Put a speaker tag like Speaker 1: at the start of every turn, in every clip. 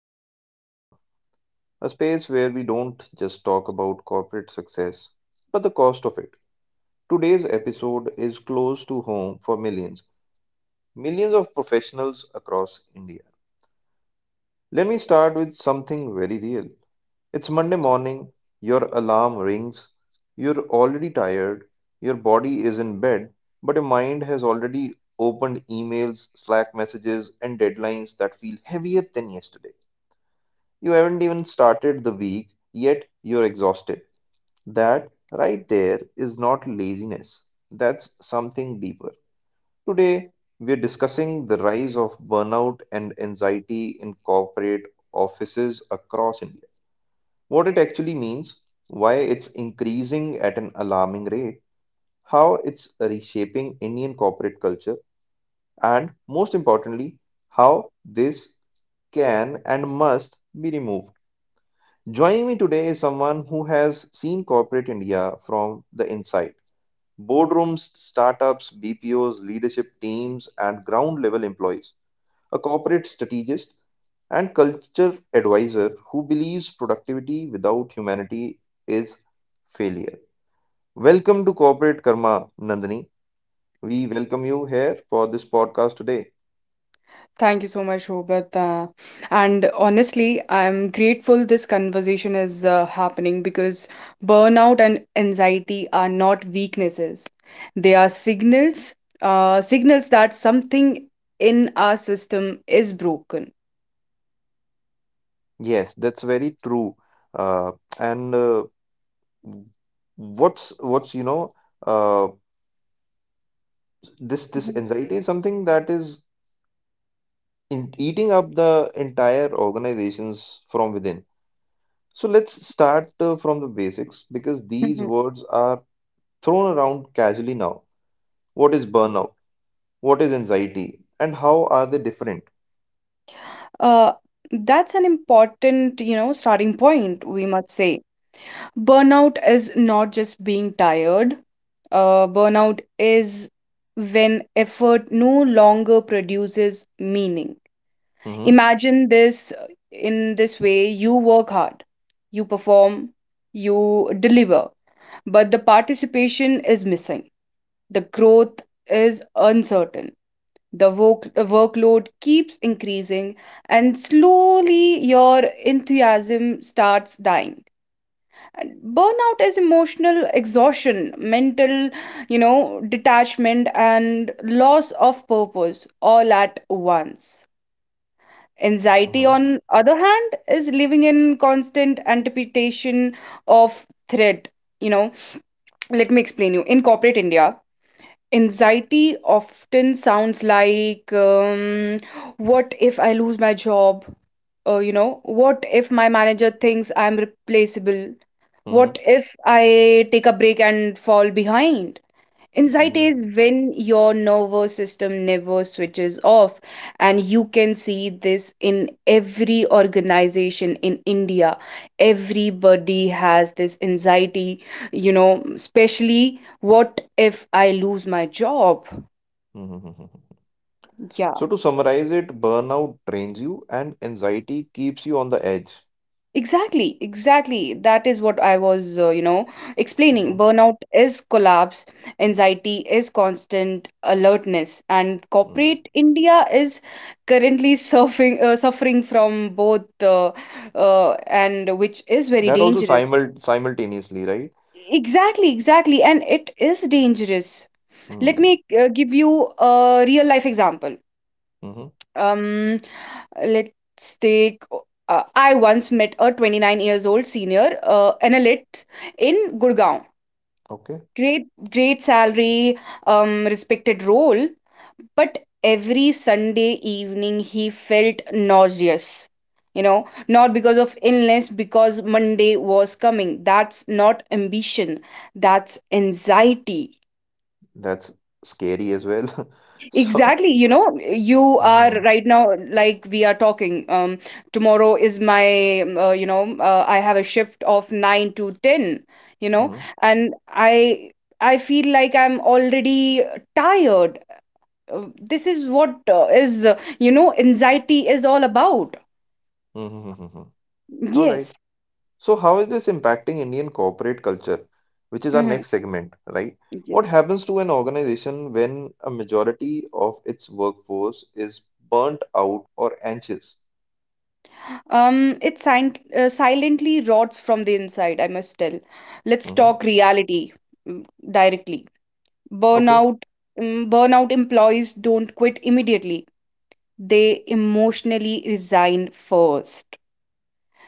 Speaker 1: Corporate Karma, a space where we don't just talk about corporate success, but the cost of it. Today's episode is close to home for millions, millions of professionals across India. Let me start with something very real. It's Monday morning, your alarm rings, you're already tired, your body is in bed, but your mind has already opened emails, Slack messages, and deadlines that feel heavier than yesterday. You haven't even started the week, yet you're exhausted. That right there is not laziness, that's something deeper. Today, we're discussing the rise of burnout and anxiety in corporate offices across India. What it actually means, why it's increasing at an alarming rate, how it's reshaping Indian corporate culture, and most importantly, how this can and must be removed. Joining me today is someone who has seen corporate India from the inside boardrooms, startups, BPOs, leadership teams, and ground level employees. A corporate strategist and culture advisor who believes productivity without humanity is failure. Welcome to Corporate Karma, Nandini. We welcome you here for this podcast today.
Speaker 2: Thank you so much, Robert. And honestly, I'm grateful this conversation is happening because burnout and anxiety are not weaknesses. They are signals, that something in our system is broken.
Speaker 1: Yes, that's very true. Uh, and what's uh, this
Speaker 2: Mhm.
Speaker 1: anxiety is something that is in eating up the entire organizations from within. So let's start from the basics because these
Speaker 2: Mhm.
Speaker 1: words are thrown around casually now. What is burnout? What is anxiety? And how are they different?
Speaker 2: Uh, that's an important, you know, starting point, we must say. Burnout is not just being tired. Burnout is when effort no longer produces meaning.
Speaker 1: Mm-hmm.
Speaker 2: Imagine this in this way. You work hard, you perform, you deliver, but the participation is missing, the growth is uncertain, the workload keeps increasing, and slowly your enthusiasm starts dying. And burnout is emotional exhaustion, mental, you know, detachment, and loss of purpose all at once. Anxiety,
Speaker 1: Mm-hmm.
Speaker 2: on other hand, is living in constant anticipation of threat. You know, let me explain you. In corporate India, anxiety often sounds like, "What if I lose my job? You know, what if my manager thinks I'm replaceable?
Speaker 1: Mm-hmm.
Speaker 2: What if I take a break and fall behind?" Anxiety
Speaker 1: Mm-hmm.
Speaker 2: is when your nervous system never switches off, and you can see this in every organization in India. Everybody has this anxiety, you know, especially, what if I lose my job?
Speaker 1: Hmm. So
Speaker 2: Yeah.
Speaker 1: to summarize it, burnout drains you and anxiety keeps you on the edge.
Speaker 2: Exactly, exactly. That is what I was, you know, explaining.
Speaker 1: Mm-hmm.
Speaker 2: Burnout is collapse, anxiety is constant alertness, and
Speaker 1: Mm-hmm.
Speaker 2: corporate India is currently suffering from both, and which is very
Speaker 1: That also
Speaker 2: dangerous.
Speaker 1: simultaneously, right?
Speaker 2: Exactly, exactly. And it is dangerous. Let
Speaker 1: Mm-hmm.
Speaker 2: me give you a real life example.
Speaker 1: Mm-hmm.
Speaker 2: Um, let's take I once met a 29 years old senior analyst in Gurgaon.
Speaker 1: Okay,
Speaker 2: Great, great salary, respected role, but every Sunday evening he felt nauseous. You know, not because of illness, because Monday was coming. That's not ambition, that's anxiety.
Speaker 1: that's scary as well. So.
Speaker 2: Exactly, you know, you are
Speaker 1: Mm-hmm.
Speaker 2: right now like we are talking. Tomorrow is I have a shift of 9 to 10, you know, and I feel like I'm already tired. This is what is you know anxiety is all about.
Speaker 1: Mm-hmm. Mm-hmm. All right.
Speaker 2: Yes.
Speaker 1: So how is this impacting Indian corporate culture, which is our
Speaker 2: Mm-hmm.
Speaker 1: next segment, right? What
Speaker 2: Yes.
Speaker 1: happens to an organization when a majority of its workforce is burnt out or anxious?
Speaker 2: It silently rots from the inside. I must tell. Let's
Speaker 1: Mm-hmm.
Speaker 2: talk reality, mm, directly.
Speaker 1: Okay.
Speaker 2: Burnout burnout employees don't quit immediately. They emotionally resign first.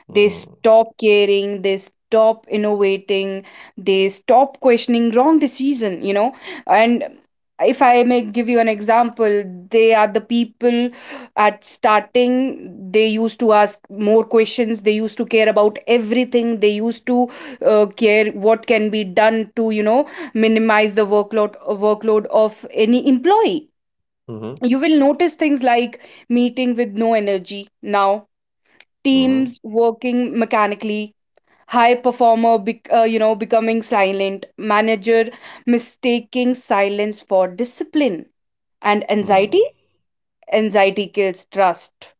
Speaker 2: They
Speaker 1: Mm.
Speaker 2: stop caring, they stop innovating, they stop questioning wrong decision, you know. And if I may give you an example, they are the people at starting, they used to ask more questions, they used to care about everything, they used to care what can be done to, you know, minimize the workload of any employee.
Speaker 1: Mhm.
Speaker 2: You will notice things like meeting with no energy now,
Speaker 1: Mhm.
Speaker 2: teams working mechanically, high performer becoming silent manager, mistaking silence for discipline, and anxiety
Speaker 1: Mm.
Speaker 2: anxiety kills trust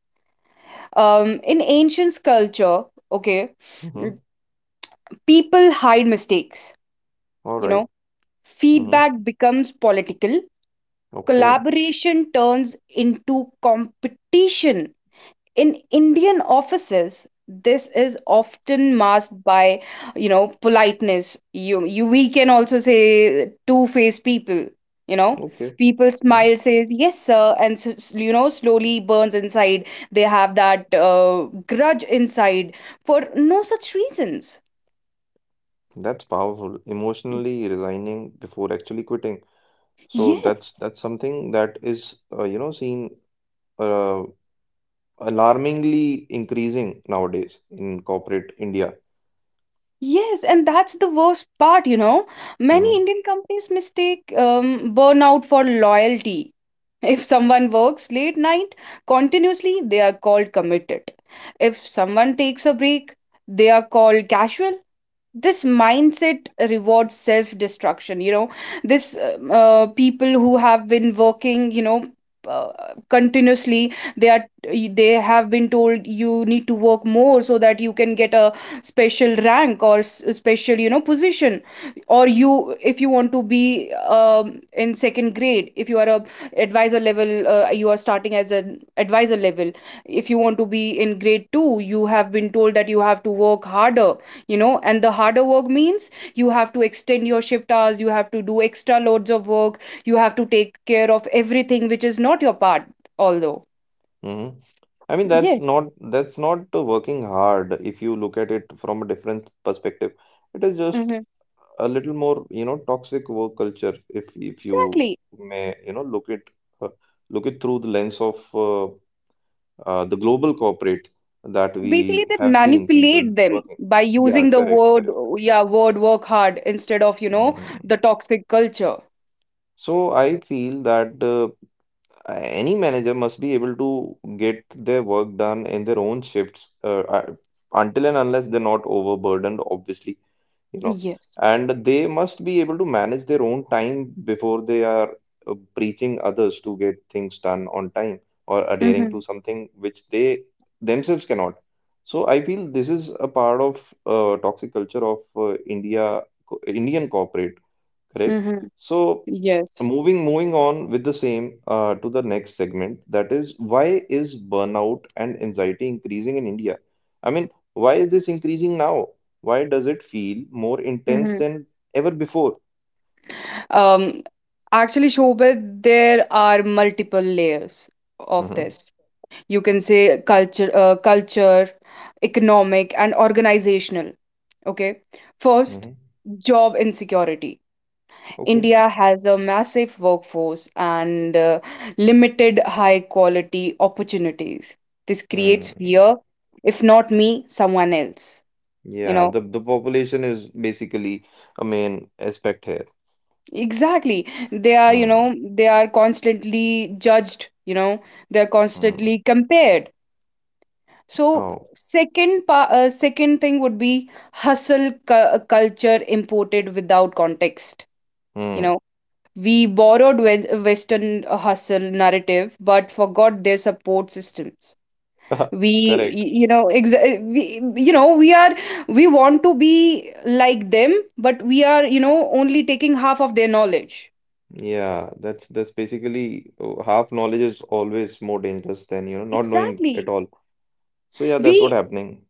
Speaker 2: in ancient culture. Okay.
Speaker 1: Mhm.
Speaker 2: mm, People hide mistakes,
Speaker 1: All
Speaker 2: you know,
Speaker 1: right. Mhm.
Speaker 2: feedback becomes political,
Speaker 1: Okay.
Speaker 2: collaboration turns into competition. In Indian offices, this is often masked by, you know, politeness. We can also say two-faced people. You know,
Speaker 1: Okay.
Speaker 2: people
Speaker 1: Mhm.
Speaker 2: smile, says yes, sir, and slowly burns inside. They have that grudge inside for no such reasons.
Speaker 1: That's powerful. Emotionally resigning before actually quitting. So that's
Speaker 2: Yes,
Speaker 1: that's something that is seen uh, alarmingly increasing nowadays in corporate India.
Speaker 2: yes, and that's the worst part, you know. Many
Speaker 1: Mhm.
Speaker 2: Indian companies mistake burnout for loyalty. If someone works late night continuously, they are called committed. If someone takes a break, they are called casual. This mindset rewards self destruction, you know. This People who have been working, you know, uh, continuously, they have been told you need to work more so that you can get a special rank or special, you know, position, or you, if you want to be in second grade, if you are a advisor level you are starting as an advisor level. If you want to be in grade 2, you have been told that you have to work harder, you know, and the harder work means you have to extend your shift hours, you have to do extra loads of work, you have to take care of everything which is not your part, although.
Speaker 1: Mhm. I mean that's not working hard if you look at it from a different perspective. It is just
Speaker 2: Mm-hmm.
Speaker 1: a little more, toxic work culture, if you
Speaker 2: Exactly.
Speaker 1: may, uh, look it through the lens of the global corporate that
Speaker 2: Basically,
Speaker 1: we
Speaker 2: they
Speaker 1: have seen people
Speaker 2: manipulate them
Speaker 1: working.
Speaker 2: by
Speaker 1: Yeah,
Speaker 2: using the
Speaker 1: correct,
Speaker 2: word,
Speaker 1: correct.
Speaker 2: yeah, word work hard instead of, you know, the
Speaker 1: Mhm.
Speaker 2: toxic culture.
Speaker 1: So I feel that any manager must be able to get their work done in their own shifts until and unless they're not overburdened, obviously. you know
Speaker 2: Yes.
Speaker 1: and they must be able to manage their own time before they are preaching others to get things done on time or adhering
Speaker 2: Mm-hmm.
Speaker 1: to something which they themselves cannot. So I feel this is a part of toxic culture of Indian corporate. Correct.
Speaker 2: Mm-hmm.
Speaker 1: So
Speaker 2: Yes.
Speaker 1: moving on with the same to the next segment, that is why is burnout and anxiety increasing in India? I mean, why is this increasing now? Why does it feel more intense
Speaker 2: Mm-hmm.
Speaker 1: than ever before?
Speaker 2: um Actually, Shobit, there are multiple layers of this.
Speaker 1: Hmm.
Speaker 2: You can say culture, economic, and organizational. Okay. First,
Speaker 1: Hmm.
Speaker 2: job insecurity.
Speaker 1: Okay.
Speaker 2: India has a massive workforce and limited high quality opportunities. This
Speaker 1: Hmm.
Speaker 2: creates fear, if not me, someone else, you
Speaker 1: Yeah,
Speaker 2: know.
Speaker 1: the population is basically a main aspect here.
Speaker 2: Exactly, they are you
Speaker 1: Hmm.
Speaker 2: know they are constantly judged, you know, they are
Speaker 1: Hmm.
Speaker 2: constantly compared. So
Speaker 1: Oh.
Speaker 2: second thing would be hustle culture imported without context. You
Speaker 1: Hmm.
Speaker 2: know, we borrowed Western hustle narrative, but forgot their support systems. We,
Speaker 1: Correct.
Speaker 2: y- you know, exa- we, you know, we are we want to be like them, but we are, you know, only taking half of their knowledge.
Speaker 1: Yeah, that's basically half knowledge is always more dangerous than not knowing at
Speaker 2: Exactly.
Speaker 1: all. So yeah, that's what
Speaker 2: We
Speaker 1: happening.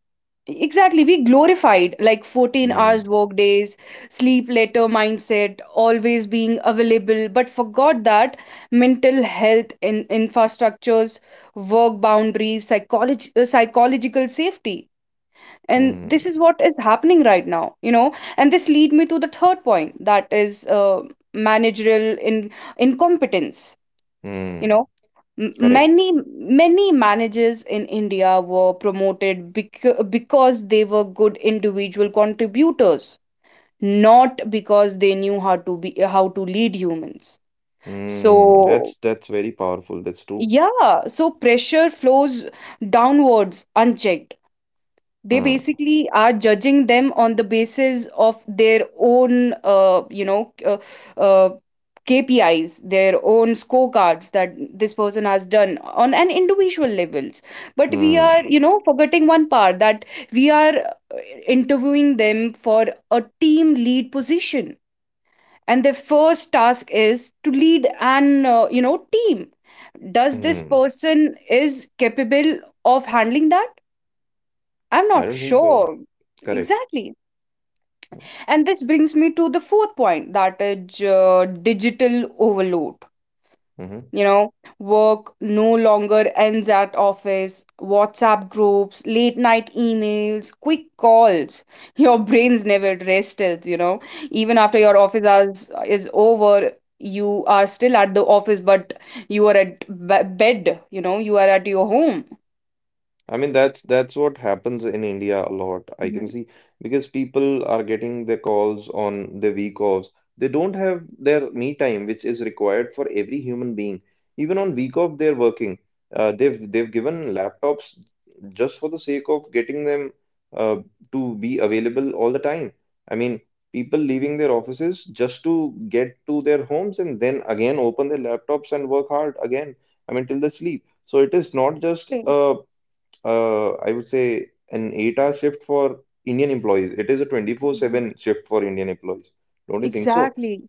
Speaker 2: Exactly, we glorified like 14
Speaker 1: Hmm.
Speaker 2: hours work days, sleep later mindset, always being available, but forgot that mental health in infrastructures, work boundaries, psychological safety. And this
Speaker 1: Hmm.
Speaker 2: is what is happening right now, you know. And this lead me to the third point, that is managerial in incompetence. You
Speaker 1: Hmm.
Speaker 2: know, M-
Speaker 1: Correct.
Speaker 2: many many managers in India were promoted because they were good individual contributors, not because they knew how to lead humans.
Speaker 1: Hmm.
Speaker 2: So
Speaker 1: That's very powerful. That's true.
Speaker 2: yeah, so pressure flows downwards unchecked. They
Speaker 1: Hmm.
Speaker 2: basically are judging them on the basis of their own uh, KPIs, their own scorecards that this person has done on an individual levels. But we are,
Speaker 1: Hmm.
Speaker 2: you know, forgetting one part that we are interviewing them for a team lead position, and their first task is to lead an team. Does this
Speaker 1: Hmm.
Speaker 2: person is capable of handling that? I'm
Speaker 1: I
Speaker 2: not
Speaker 1: don't think so.
Speaker 2: sure.
Speaker 1: Correct.
Speaker 2: Exactly. And this brings me to the fourth point, that is digital overload.
Speaker 1: Mm-hmm.
Speaker 2: You know, work no longer ends at office, WhatsApp groups, late night emails, quick calls. Your brains never rested, you know. Even after your office hours is over, you are still at the office, but you are at bed, you know, you are at your home.
Speaker 1: I mean that's what happens in India a lot. I can
Speaker 2: Mhm.
Speaker 1: see because people are getting their calls on their week offs. They don't have their me time, which is required for every human being. Even on week off, they're working. They've given laptops just for the sake of getting them uh, to be available all the time. I mean, people leaving their offices just to get to their homes and then again open their laptops and work hard again. I mean, till they sleep. So it is not just a, I would say, an 8-hour shift for Indian employees. It is a
Speaker 2: Exactly.
Speaker 1: 24/7 shift for Indian employees. Don't you think so?
Speaker 2: Exactly.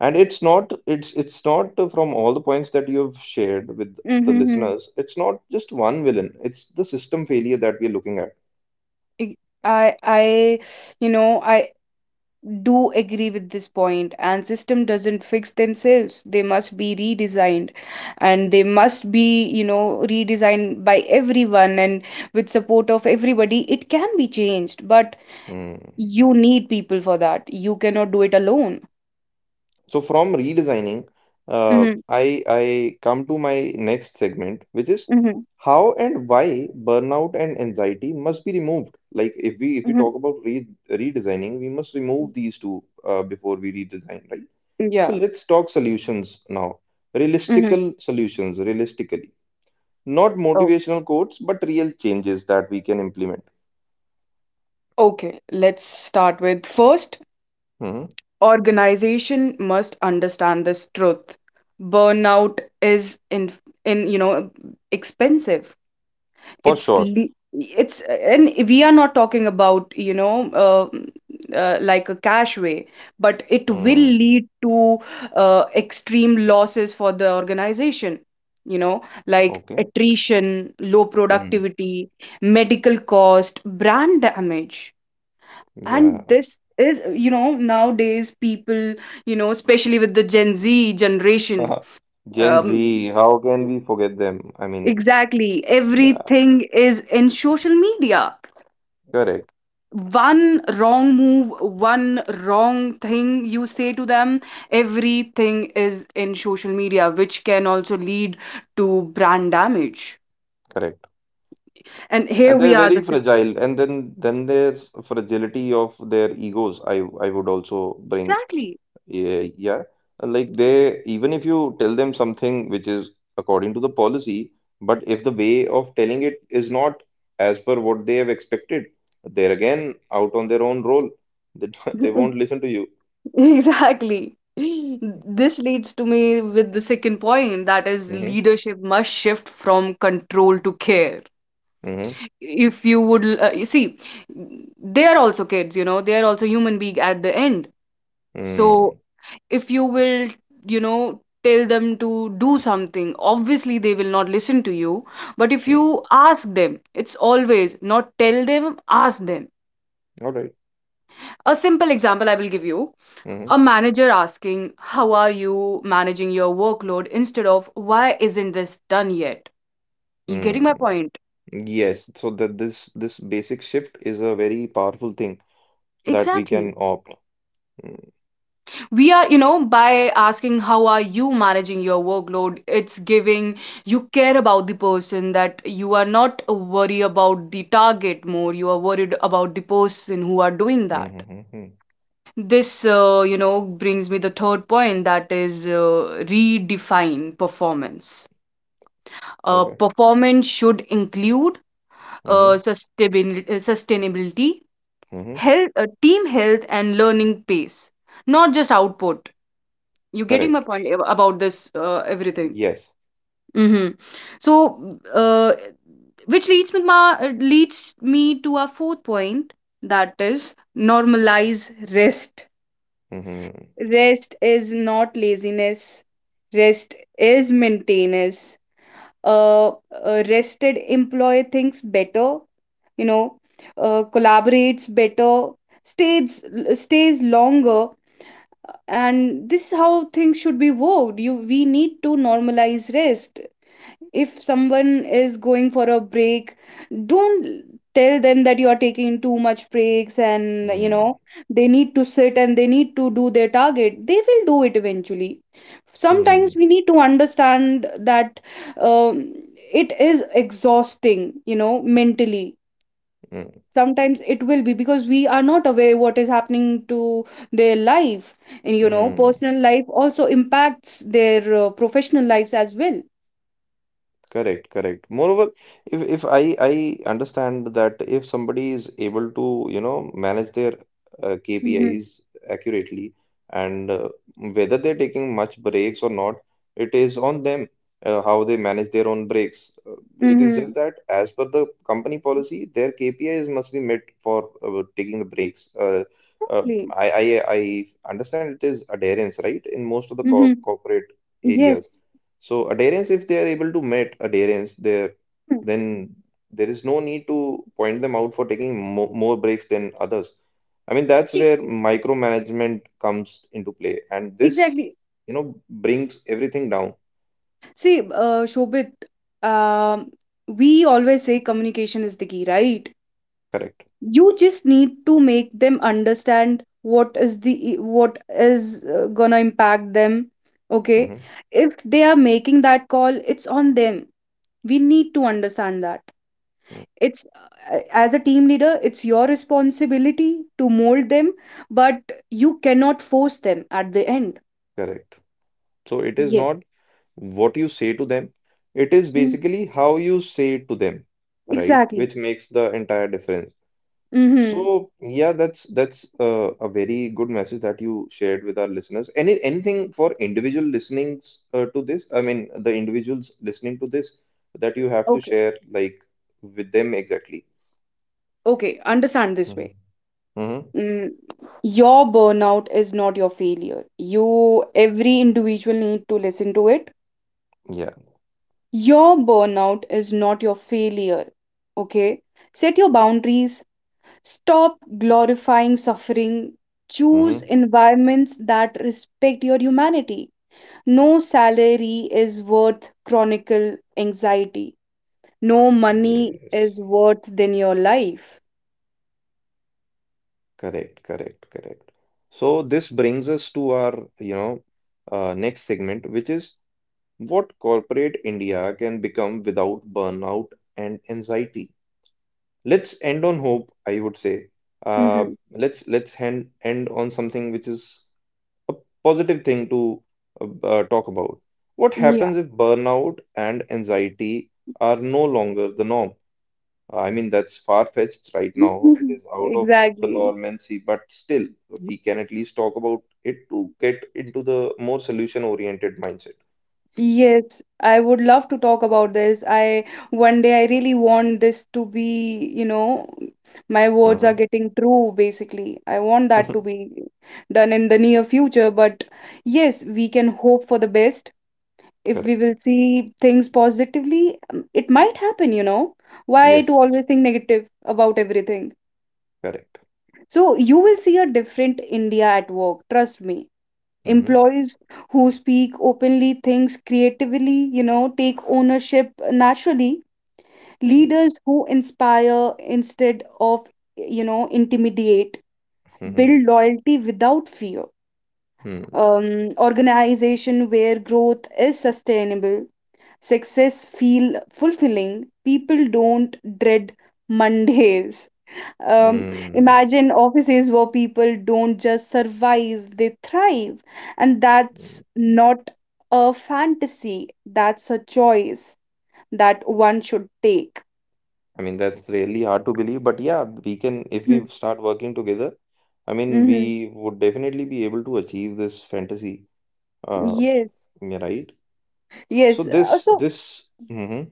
Speaker 1: And it's not from all the points that you've shared with the
Speaker 2: Mm-hmm. Hmm.
Speaker 1: listeners, it's not just one villain. It's the system failure that we're looking at.
Speaker 2: Ig- I you know I do agree with this point, and system doesn't fix themselves, they must be redesigned, and they must be, you know, redesigned by everyone and with support of everybody, it can be changed, but
Speaker 1: Mm.
Speaker 2: you need people for that, you cannot do it alone.
Speaker 1: So from redesigning,
Speaker 2: Mm-hmm.
Speaker 1: I come to my next segment, which is
Speaker 2: Mm-hmm.
Speaker 1: how and why burnout and anxiety must be removed. Like if we
Speaker 2: Mm-hmm.
Speaker 1: talk about re redesigning, we must remove these two before we redesign, right? So
Speaker 2: Yeah.
Speaker 1: let's talk solutions now.
Speaker 2: hmm
Speaker 1: Realistical solutions, realistically, not
Speaker 2: oh,
Speaker 1: motivational quotes, but real changes that we can implement.
Speaker 2: okay, let's start with first,
Speaker 1: Mhm.
Speaker 2: organization must understand this truth. Burnout is in you know expensive.
Speaker 1: For
Speaker 2: it's
Speaker 1: sure.
Speaker 2: le- it's and we are not talking about, you know, like a cash way, but it will
Speaker 1: Mm.
Speaker 2: lead to extreme losses for the organization, you know, like
Speaker 1: Okay.
Speaker 2: attrition, low
Speaker 1: Mm.
Speaker 2: productivity, medical cost, brand damage. And
Speaker 1: Yeah.
Speaker 2: this is, you know, nowadays people, you know, especially with the Gen Z generation.
Speaker 1: Gen Z,
Speaker 2: um,
Speaker 1: how can we forget them? I mean,
Speaker 2: exactly,
Speaker 1: yeah,
Speaker 2: everything is in social media.
Speaker 1: correct,
Speaker 2: One wrong move, one wrong thing you say to them, everything is in social media which can also lead to brand damage.
Speaker 1: correct.
Speaker 2: And here
Speaker 1: And
Speaker 2: we
Speaker 1: they're
Speaker 2: are, the
Speaker 1: very fragile. And then there's fragility of their egos. I would also bring,
Speaker 2: exactly.
Speaker 1: yeah, yeah. Like they, even if you tell them something which is according to the policy, but if the way of telling it is not as per what they have expected, they're again out on their own role. They don't- They won't listen to you.
Speaker 2: Exactly. This leads to me with the second point, that is
Speaker 1: Mm-hmm.
Speaker 2: leadership must shift from control to care.
Speaker 1: Mm-hmm.
Speaker 2: If you would, you see, they are also kids, you know, they are also human being at the end. So if you will, you know, tell them to do something, obviously they will not listen to you. But if
Speaker 1: Mm-hmm.
Speaker 2: you ask them, it's always not tell them, ask them.
Speaker 1: All right.
Speaker 2: A simple example I will give you.
Speaker 1: Mm-hmm.
Speaker 2: A manager asking, "How are you managing your workload?" instead of, "Why isn't this done yet?" You getting my
Speaker 1: Mm-hmm.
Speaker 2: point?
Speaker 1: Yes, so that this basic shift is a very powerful thing that we
Speaker 2: Exactly.
Speaker 1: can opt. Mm-hmm.
Speaker 2: We are, you know, by asking, "How are you managing your workload?" It's giving, you care about the person, that you are not worried about the target more. You are worried about the person who are doing that.
Speaker 1: Mm-hmm. Mm-hmm.
Speaker 2: This, you know, brings me the third point, that is redefine performance.
Speaker 1: Okay.
Speaker 2: Performance should include
Speaker 1: Mm-hmm.
Speaker 2: sustainability,
Speaker 1: Mm-hmm.
Speaker 2: health, team health, and learning pace, not just output. You getting my
Speaker 1: Correct.
Speaker 2: point about this everything?
Speaker 1: Yes.
Speaker 2: hmm So, uh, which leads me ma- leads me to our fourth point, that is normalize rest.
Speaker 1: Mm-hmm.
Speaker 2: Rest is not laziness. Rest is maintenance. uh, a rested employee thinks better, you know, collaborates better, stays stays longer, and this is how things should be worked. You We need to normalize rest. If someone is going for a break, don't tell them that you are taking too much breaks, and you
Speaker 1: Mm-hmm.
Speaker 2: know, they need to sit and they need to do their target, they will do it eventually. Sometimes
Speaker 1: Mm-hmm.
Speaker 2: we need to understand that, um, it is exhausting, you know, mentally. Sometimes it will be because we are not aware what is happening to their life, and you know,
Speaker 1: Mm-hmm.
Speaker 2: personal life also impacts their professional lives as well.
Speaker 1: Correct, correct. Moreover, if I understand that if somebody is able to, manage their
Speaker 2: Mm-hmm.
Speaker 1: KPIs accurately and whether they're taking much breaks or not, it is on them how they manage their own breaks. Uh, It is
Speaker 2: Mm-hmm.
Speaker 1: just that as per the company policy, their KPIs must be met for taking the breaks. Uh,
Speaker 2: Exactly.
Speaker 1: I, I I understand it is adherence, right, in most of the co
Speaker 2: hmm
Speaker 1: corporate areas.
Speaker 2: Yes.
Speaker 1: So adherence, if they are able to meet adherence there,
Speaker 2: Hmm.
Speaker 1: then there is no need to point them out for taking mo more breaks than others. I mean, that's
Speaker 2: See,
Speaker 1: where micromanagement comes into play, and this,
Speaker 2: exactly.
Speaker 1: brings everything down.
Speaker 2: See, Shobit, um, we always say communication is the key, right?
Speaker 1: Correct.
Speaker 2: You just need to make them understand what is gonna impact them. Okay.
Speaker 1: Hmm.
Speaker 2: If they are making that call, it's on them. We need to understand that. It's as a team leader, it's your responsibility to mold them, but you cannot force them at the end.
Speaker 1: Correct. So it is
Speaker 2: Yeah.
Speaker 1: not what you say to them, it is basically how you say it to them, right?
Speaker 2: Exactly.
Speaker 1: Which makes the entire difference.
Speaker 2: Mm-hmm.
Speaker 1: So yeah, that's a very good message that you shared with our listeners. Anything for individual listenings to this? I mean, the individuals listening to this that you have to
Speaker 2: Okay.
Speaker 1: share like with them exactly.
Speaker 2: Okay. Understand this
Speaker 1: Mm-hmm.
Speaker 2: way.
Speaker 1: Mm-hmm.
Speaker 2: Mm, your burnout is not your failure. You, every individual need to listen to it.
Speaker 1: Yeah.
Speaker 2: Your burnout is not your failure. Okay. Set your boundaries. Stop glorifying suffering. Choose
Speaker 1: Mm-hmm.
Speaker 2: environments that respect your humanity. No salary is worth chronicle anxiety. No money
Speaker 1: Yes.
Speaker 2: is worth than your life.
Speaker 1: Correct. Correct. Correct. So this brings us to our next segment, which is what corporate India can become without burnout and anxiety. Let's end on hope, I would say. Uh,
Speaker 2: Mm-hmm.
Speaker 1: let's End on something which is a positive thing to talk about what happens if burnout and anxiety are no longer the norm. I mean that's far-fetched right now. It is out of the
Speaker 2: Exactly.
Speaker 1: normancy, but still we can at least talk about it to get into the more solution-oriented mindset.
Speaker 2: Yes, I would love to talk about this. I One day I really want this to be, you know, my words are getting true basically. I want that to
Speaker 1: Hmm.
Speaker 2: be done in the near future, but yes, we can hope for the best. If we
Speaker 1: Correct.
Speaker 2: will see things positively, it might happen, you know. Why to
Speaker 1: Yes.
Speaker 2: always think negative about everything?
Speaker 1: Correct.
Speaker 2: So you will see a different India at work, trust me.
Speaker 1: Hmm.
Speaker 2: Employees who speak openly, think creatively, you know, take ownership naturally. Leaders who inspire instead of, you know, intimidate, build loyalty without fear.
Speaker 1: Hmm.
Speaker 2: Organization where growth is sustainable, success feel fulfilling. People don't dread Mondays. Um, Imagine offices where people don't just survive, they thrive. And that's
Speaker 1: Hmm.
Speaker 2: not a fantasy, that's a choice that one should take.
Speaker 1: I mean, that's really hard to believe, but yeah, we can, if we start working together, I mean,
Speaker 2: Mm-hmm.
Speaker 1: we would definitely be able to achieve this fantasy, uh,
Speaker 2: Yes,
Speaker 1: yeah, right? So
Speaker 2: yes. So,
Speaker 1: Hmm.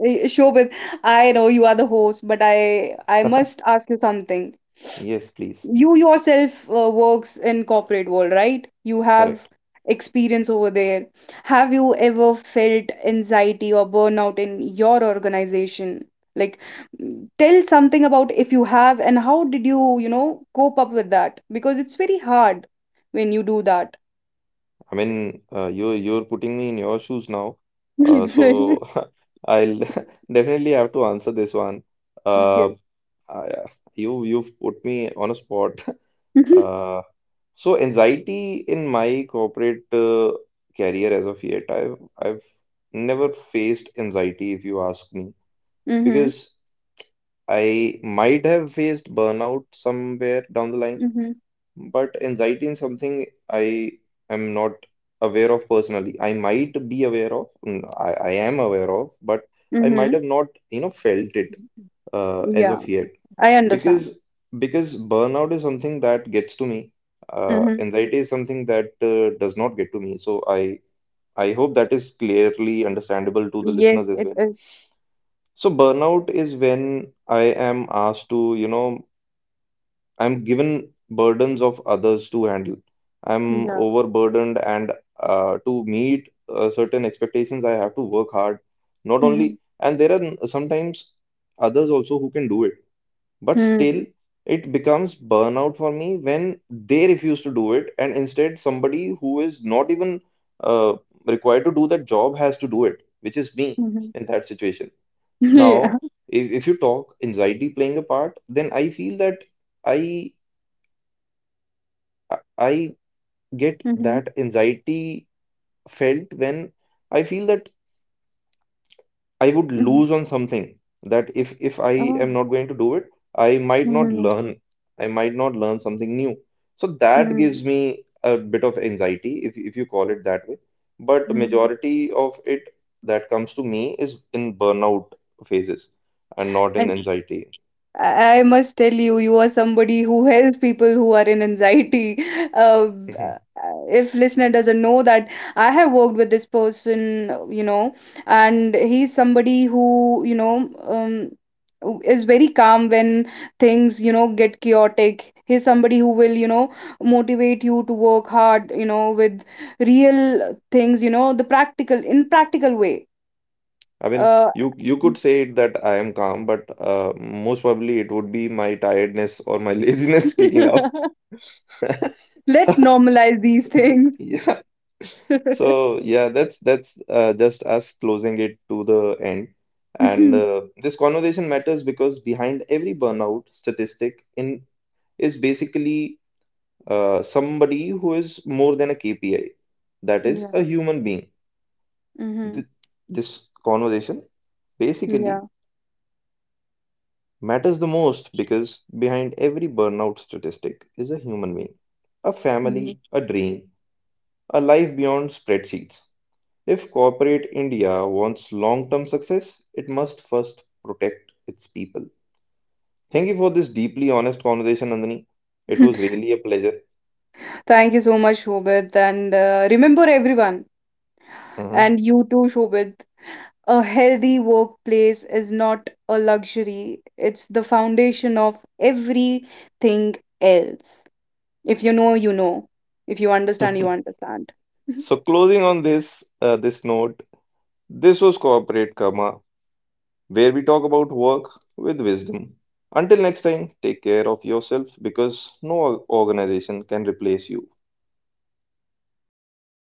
Speaker 2: Shobit, I know you are the host, but I must ask you something.
Speaker 1: Yes, please.
Speaker 2: You yourself works in corporate world, right? You have
Speaker 1: Correct.
Speaker 2: experience over there. Have you ever felt anxiety or burnout in your organization? Like, tell something about if you have and how did you, you know, cope up with that, because it's very hard when you do that.
Speaker 1: I mean, you're putting me in your shoes now, so
Speaker 2: Exactly.
Speaker 1: I'll definitely have to answer this one. Uh,
Speaker 2: Yes.
Speaker 1: I, you you've put me on a spot.
Speaker 2: Mhm.
Speaker 1: Uh, So anxiety in my corporate career as of yet, I've never faced anxiety if you ask me, because
Speaker 2: Mhm.
Speaker 1: I might have faced burnout somewhere down the line,
Speaker 2: Mhm.
Speaker 1: but anxiety is something I am not aware of personally. I might be aware of, mm, I am aware of, but I might
Speaker 2: Mhm.
Speaker 1: have not, felt it as
Speaker 2: Yeah,
Speaker 1: of yet.
Speaker 2: I understand.
Speaker 1: Because because burnout is something that gets to me.
Speaker 2: Mhm.
Speaker 1: Anxiety is something that does not get to me. So I hope that is clearly understandable to the
Speaker 2: Yes,
Speaker 1: listeners as
Speaker 2: it
Speaker 1: well.
Speaker 2: is.
Speaker 1: So burnout is when I am asked to, I'm given burdens of others to handle. I'm
Speaker 2: Yeah.
Speaker 1: overburdened and to meet certain expectations I have to work hard. Not only,
Speaker 2: Mhm.
Speaker 1: and there are sometimes others also who can do it, but still,
Speaker 2: Mhm.
Speaker 1: it becomes burnout for me when they refuse to do it, and instead, somebody who is not even uh, required to do that job has to do it, which is me in that situation.
Speaker 2: Yeah.
Speaker 1: Now, if you talk anxiety playing a part, then I feel that I I get
Speaker 2: Mhm.
Speaker 1: that anxiety felt when I feel that I would
Speaker 2: Mhm.
Speaker 1: lose on something that if I am
Speaker 2: Oh.
Speaker 1: not going to do it, I might not
Speaker 2: Mhm.
Speaker 1: learn. I might not learn something new. So that
Speaker 2: Mhm.
Speaker 1: gives me a bit of anxiety, if you call it that way. But
Speaker 2: Mhm.
Speaker 1: majority of it that comes to me is in burnout phases and not in
Speaker 2: And
Speaker 1: anxiety.
Speaker 2: I must tell you, you are somebody who helps people who are in anxiety. Uh, b-
Speaker 1: Mhm.
Speaker 2: uh, if listener doesn't know that, I have worked with this person, you know, and he's somebody who, you know, is very calm when things, you know, get chaotic. He's somebody who will, you know, motivate you to work hard, you know, with real things, you know, the practical, in practical way.
Speaker 1: I mean,
Speaker 2: Uh,
Speaker 1: you could say it that I am calm, but most probably it would be my tiredness or my laziness speaking out.
Speaker 2: let's normalize these things.
Speaker 1: Yeah. So yeah, that's just us closing it to the end. And
Speaker 2: Mhm.
Speaker 1: this conversation matters because behind every burnout statistic in is basically somebody who is more than a KPI. That is a
Speaker 2: Yeah.
Speaker 1: human being. Th
Speaker 2: Mhm.
Speaker 1: this conversation
Speaker 2: Yeah.
Speaker 1: basically matters the most because behind every burnout statistic is a human being, a family,
Speaker 2: Mhm.
Speaker 1: a dream, a life beyond spreadsheets. If corporate India wants long term success, it must first protect its people. Thank you for this deeply honest conversation, Nandini. It was really a pleasure.
Speaker 2: Thank you so much, Shobit. And remember, everyone,
Speaker 1: Mhm.
Speaker 2: and you too, Shobit, a healthy workplace is not a luxury, it's the foundation of everything else. If you know, you know. If you understand, you understand.
Speaker 1: So, closing on this note, this was Corporate Karma, where we talk about work with wisdom. Until next time, take care of yourself because no organization can replace you.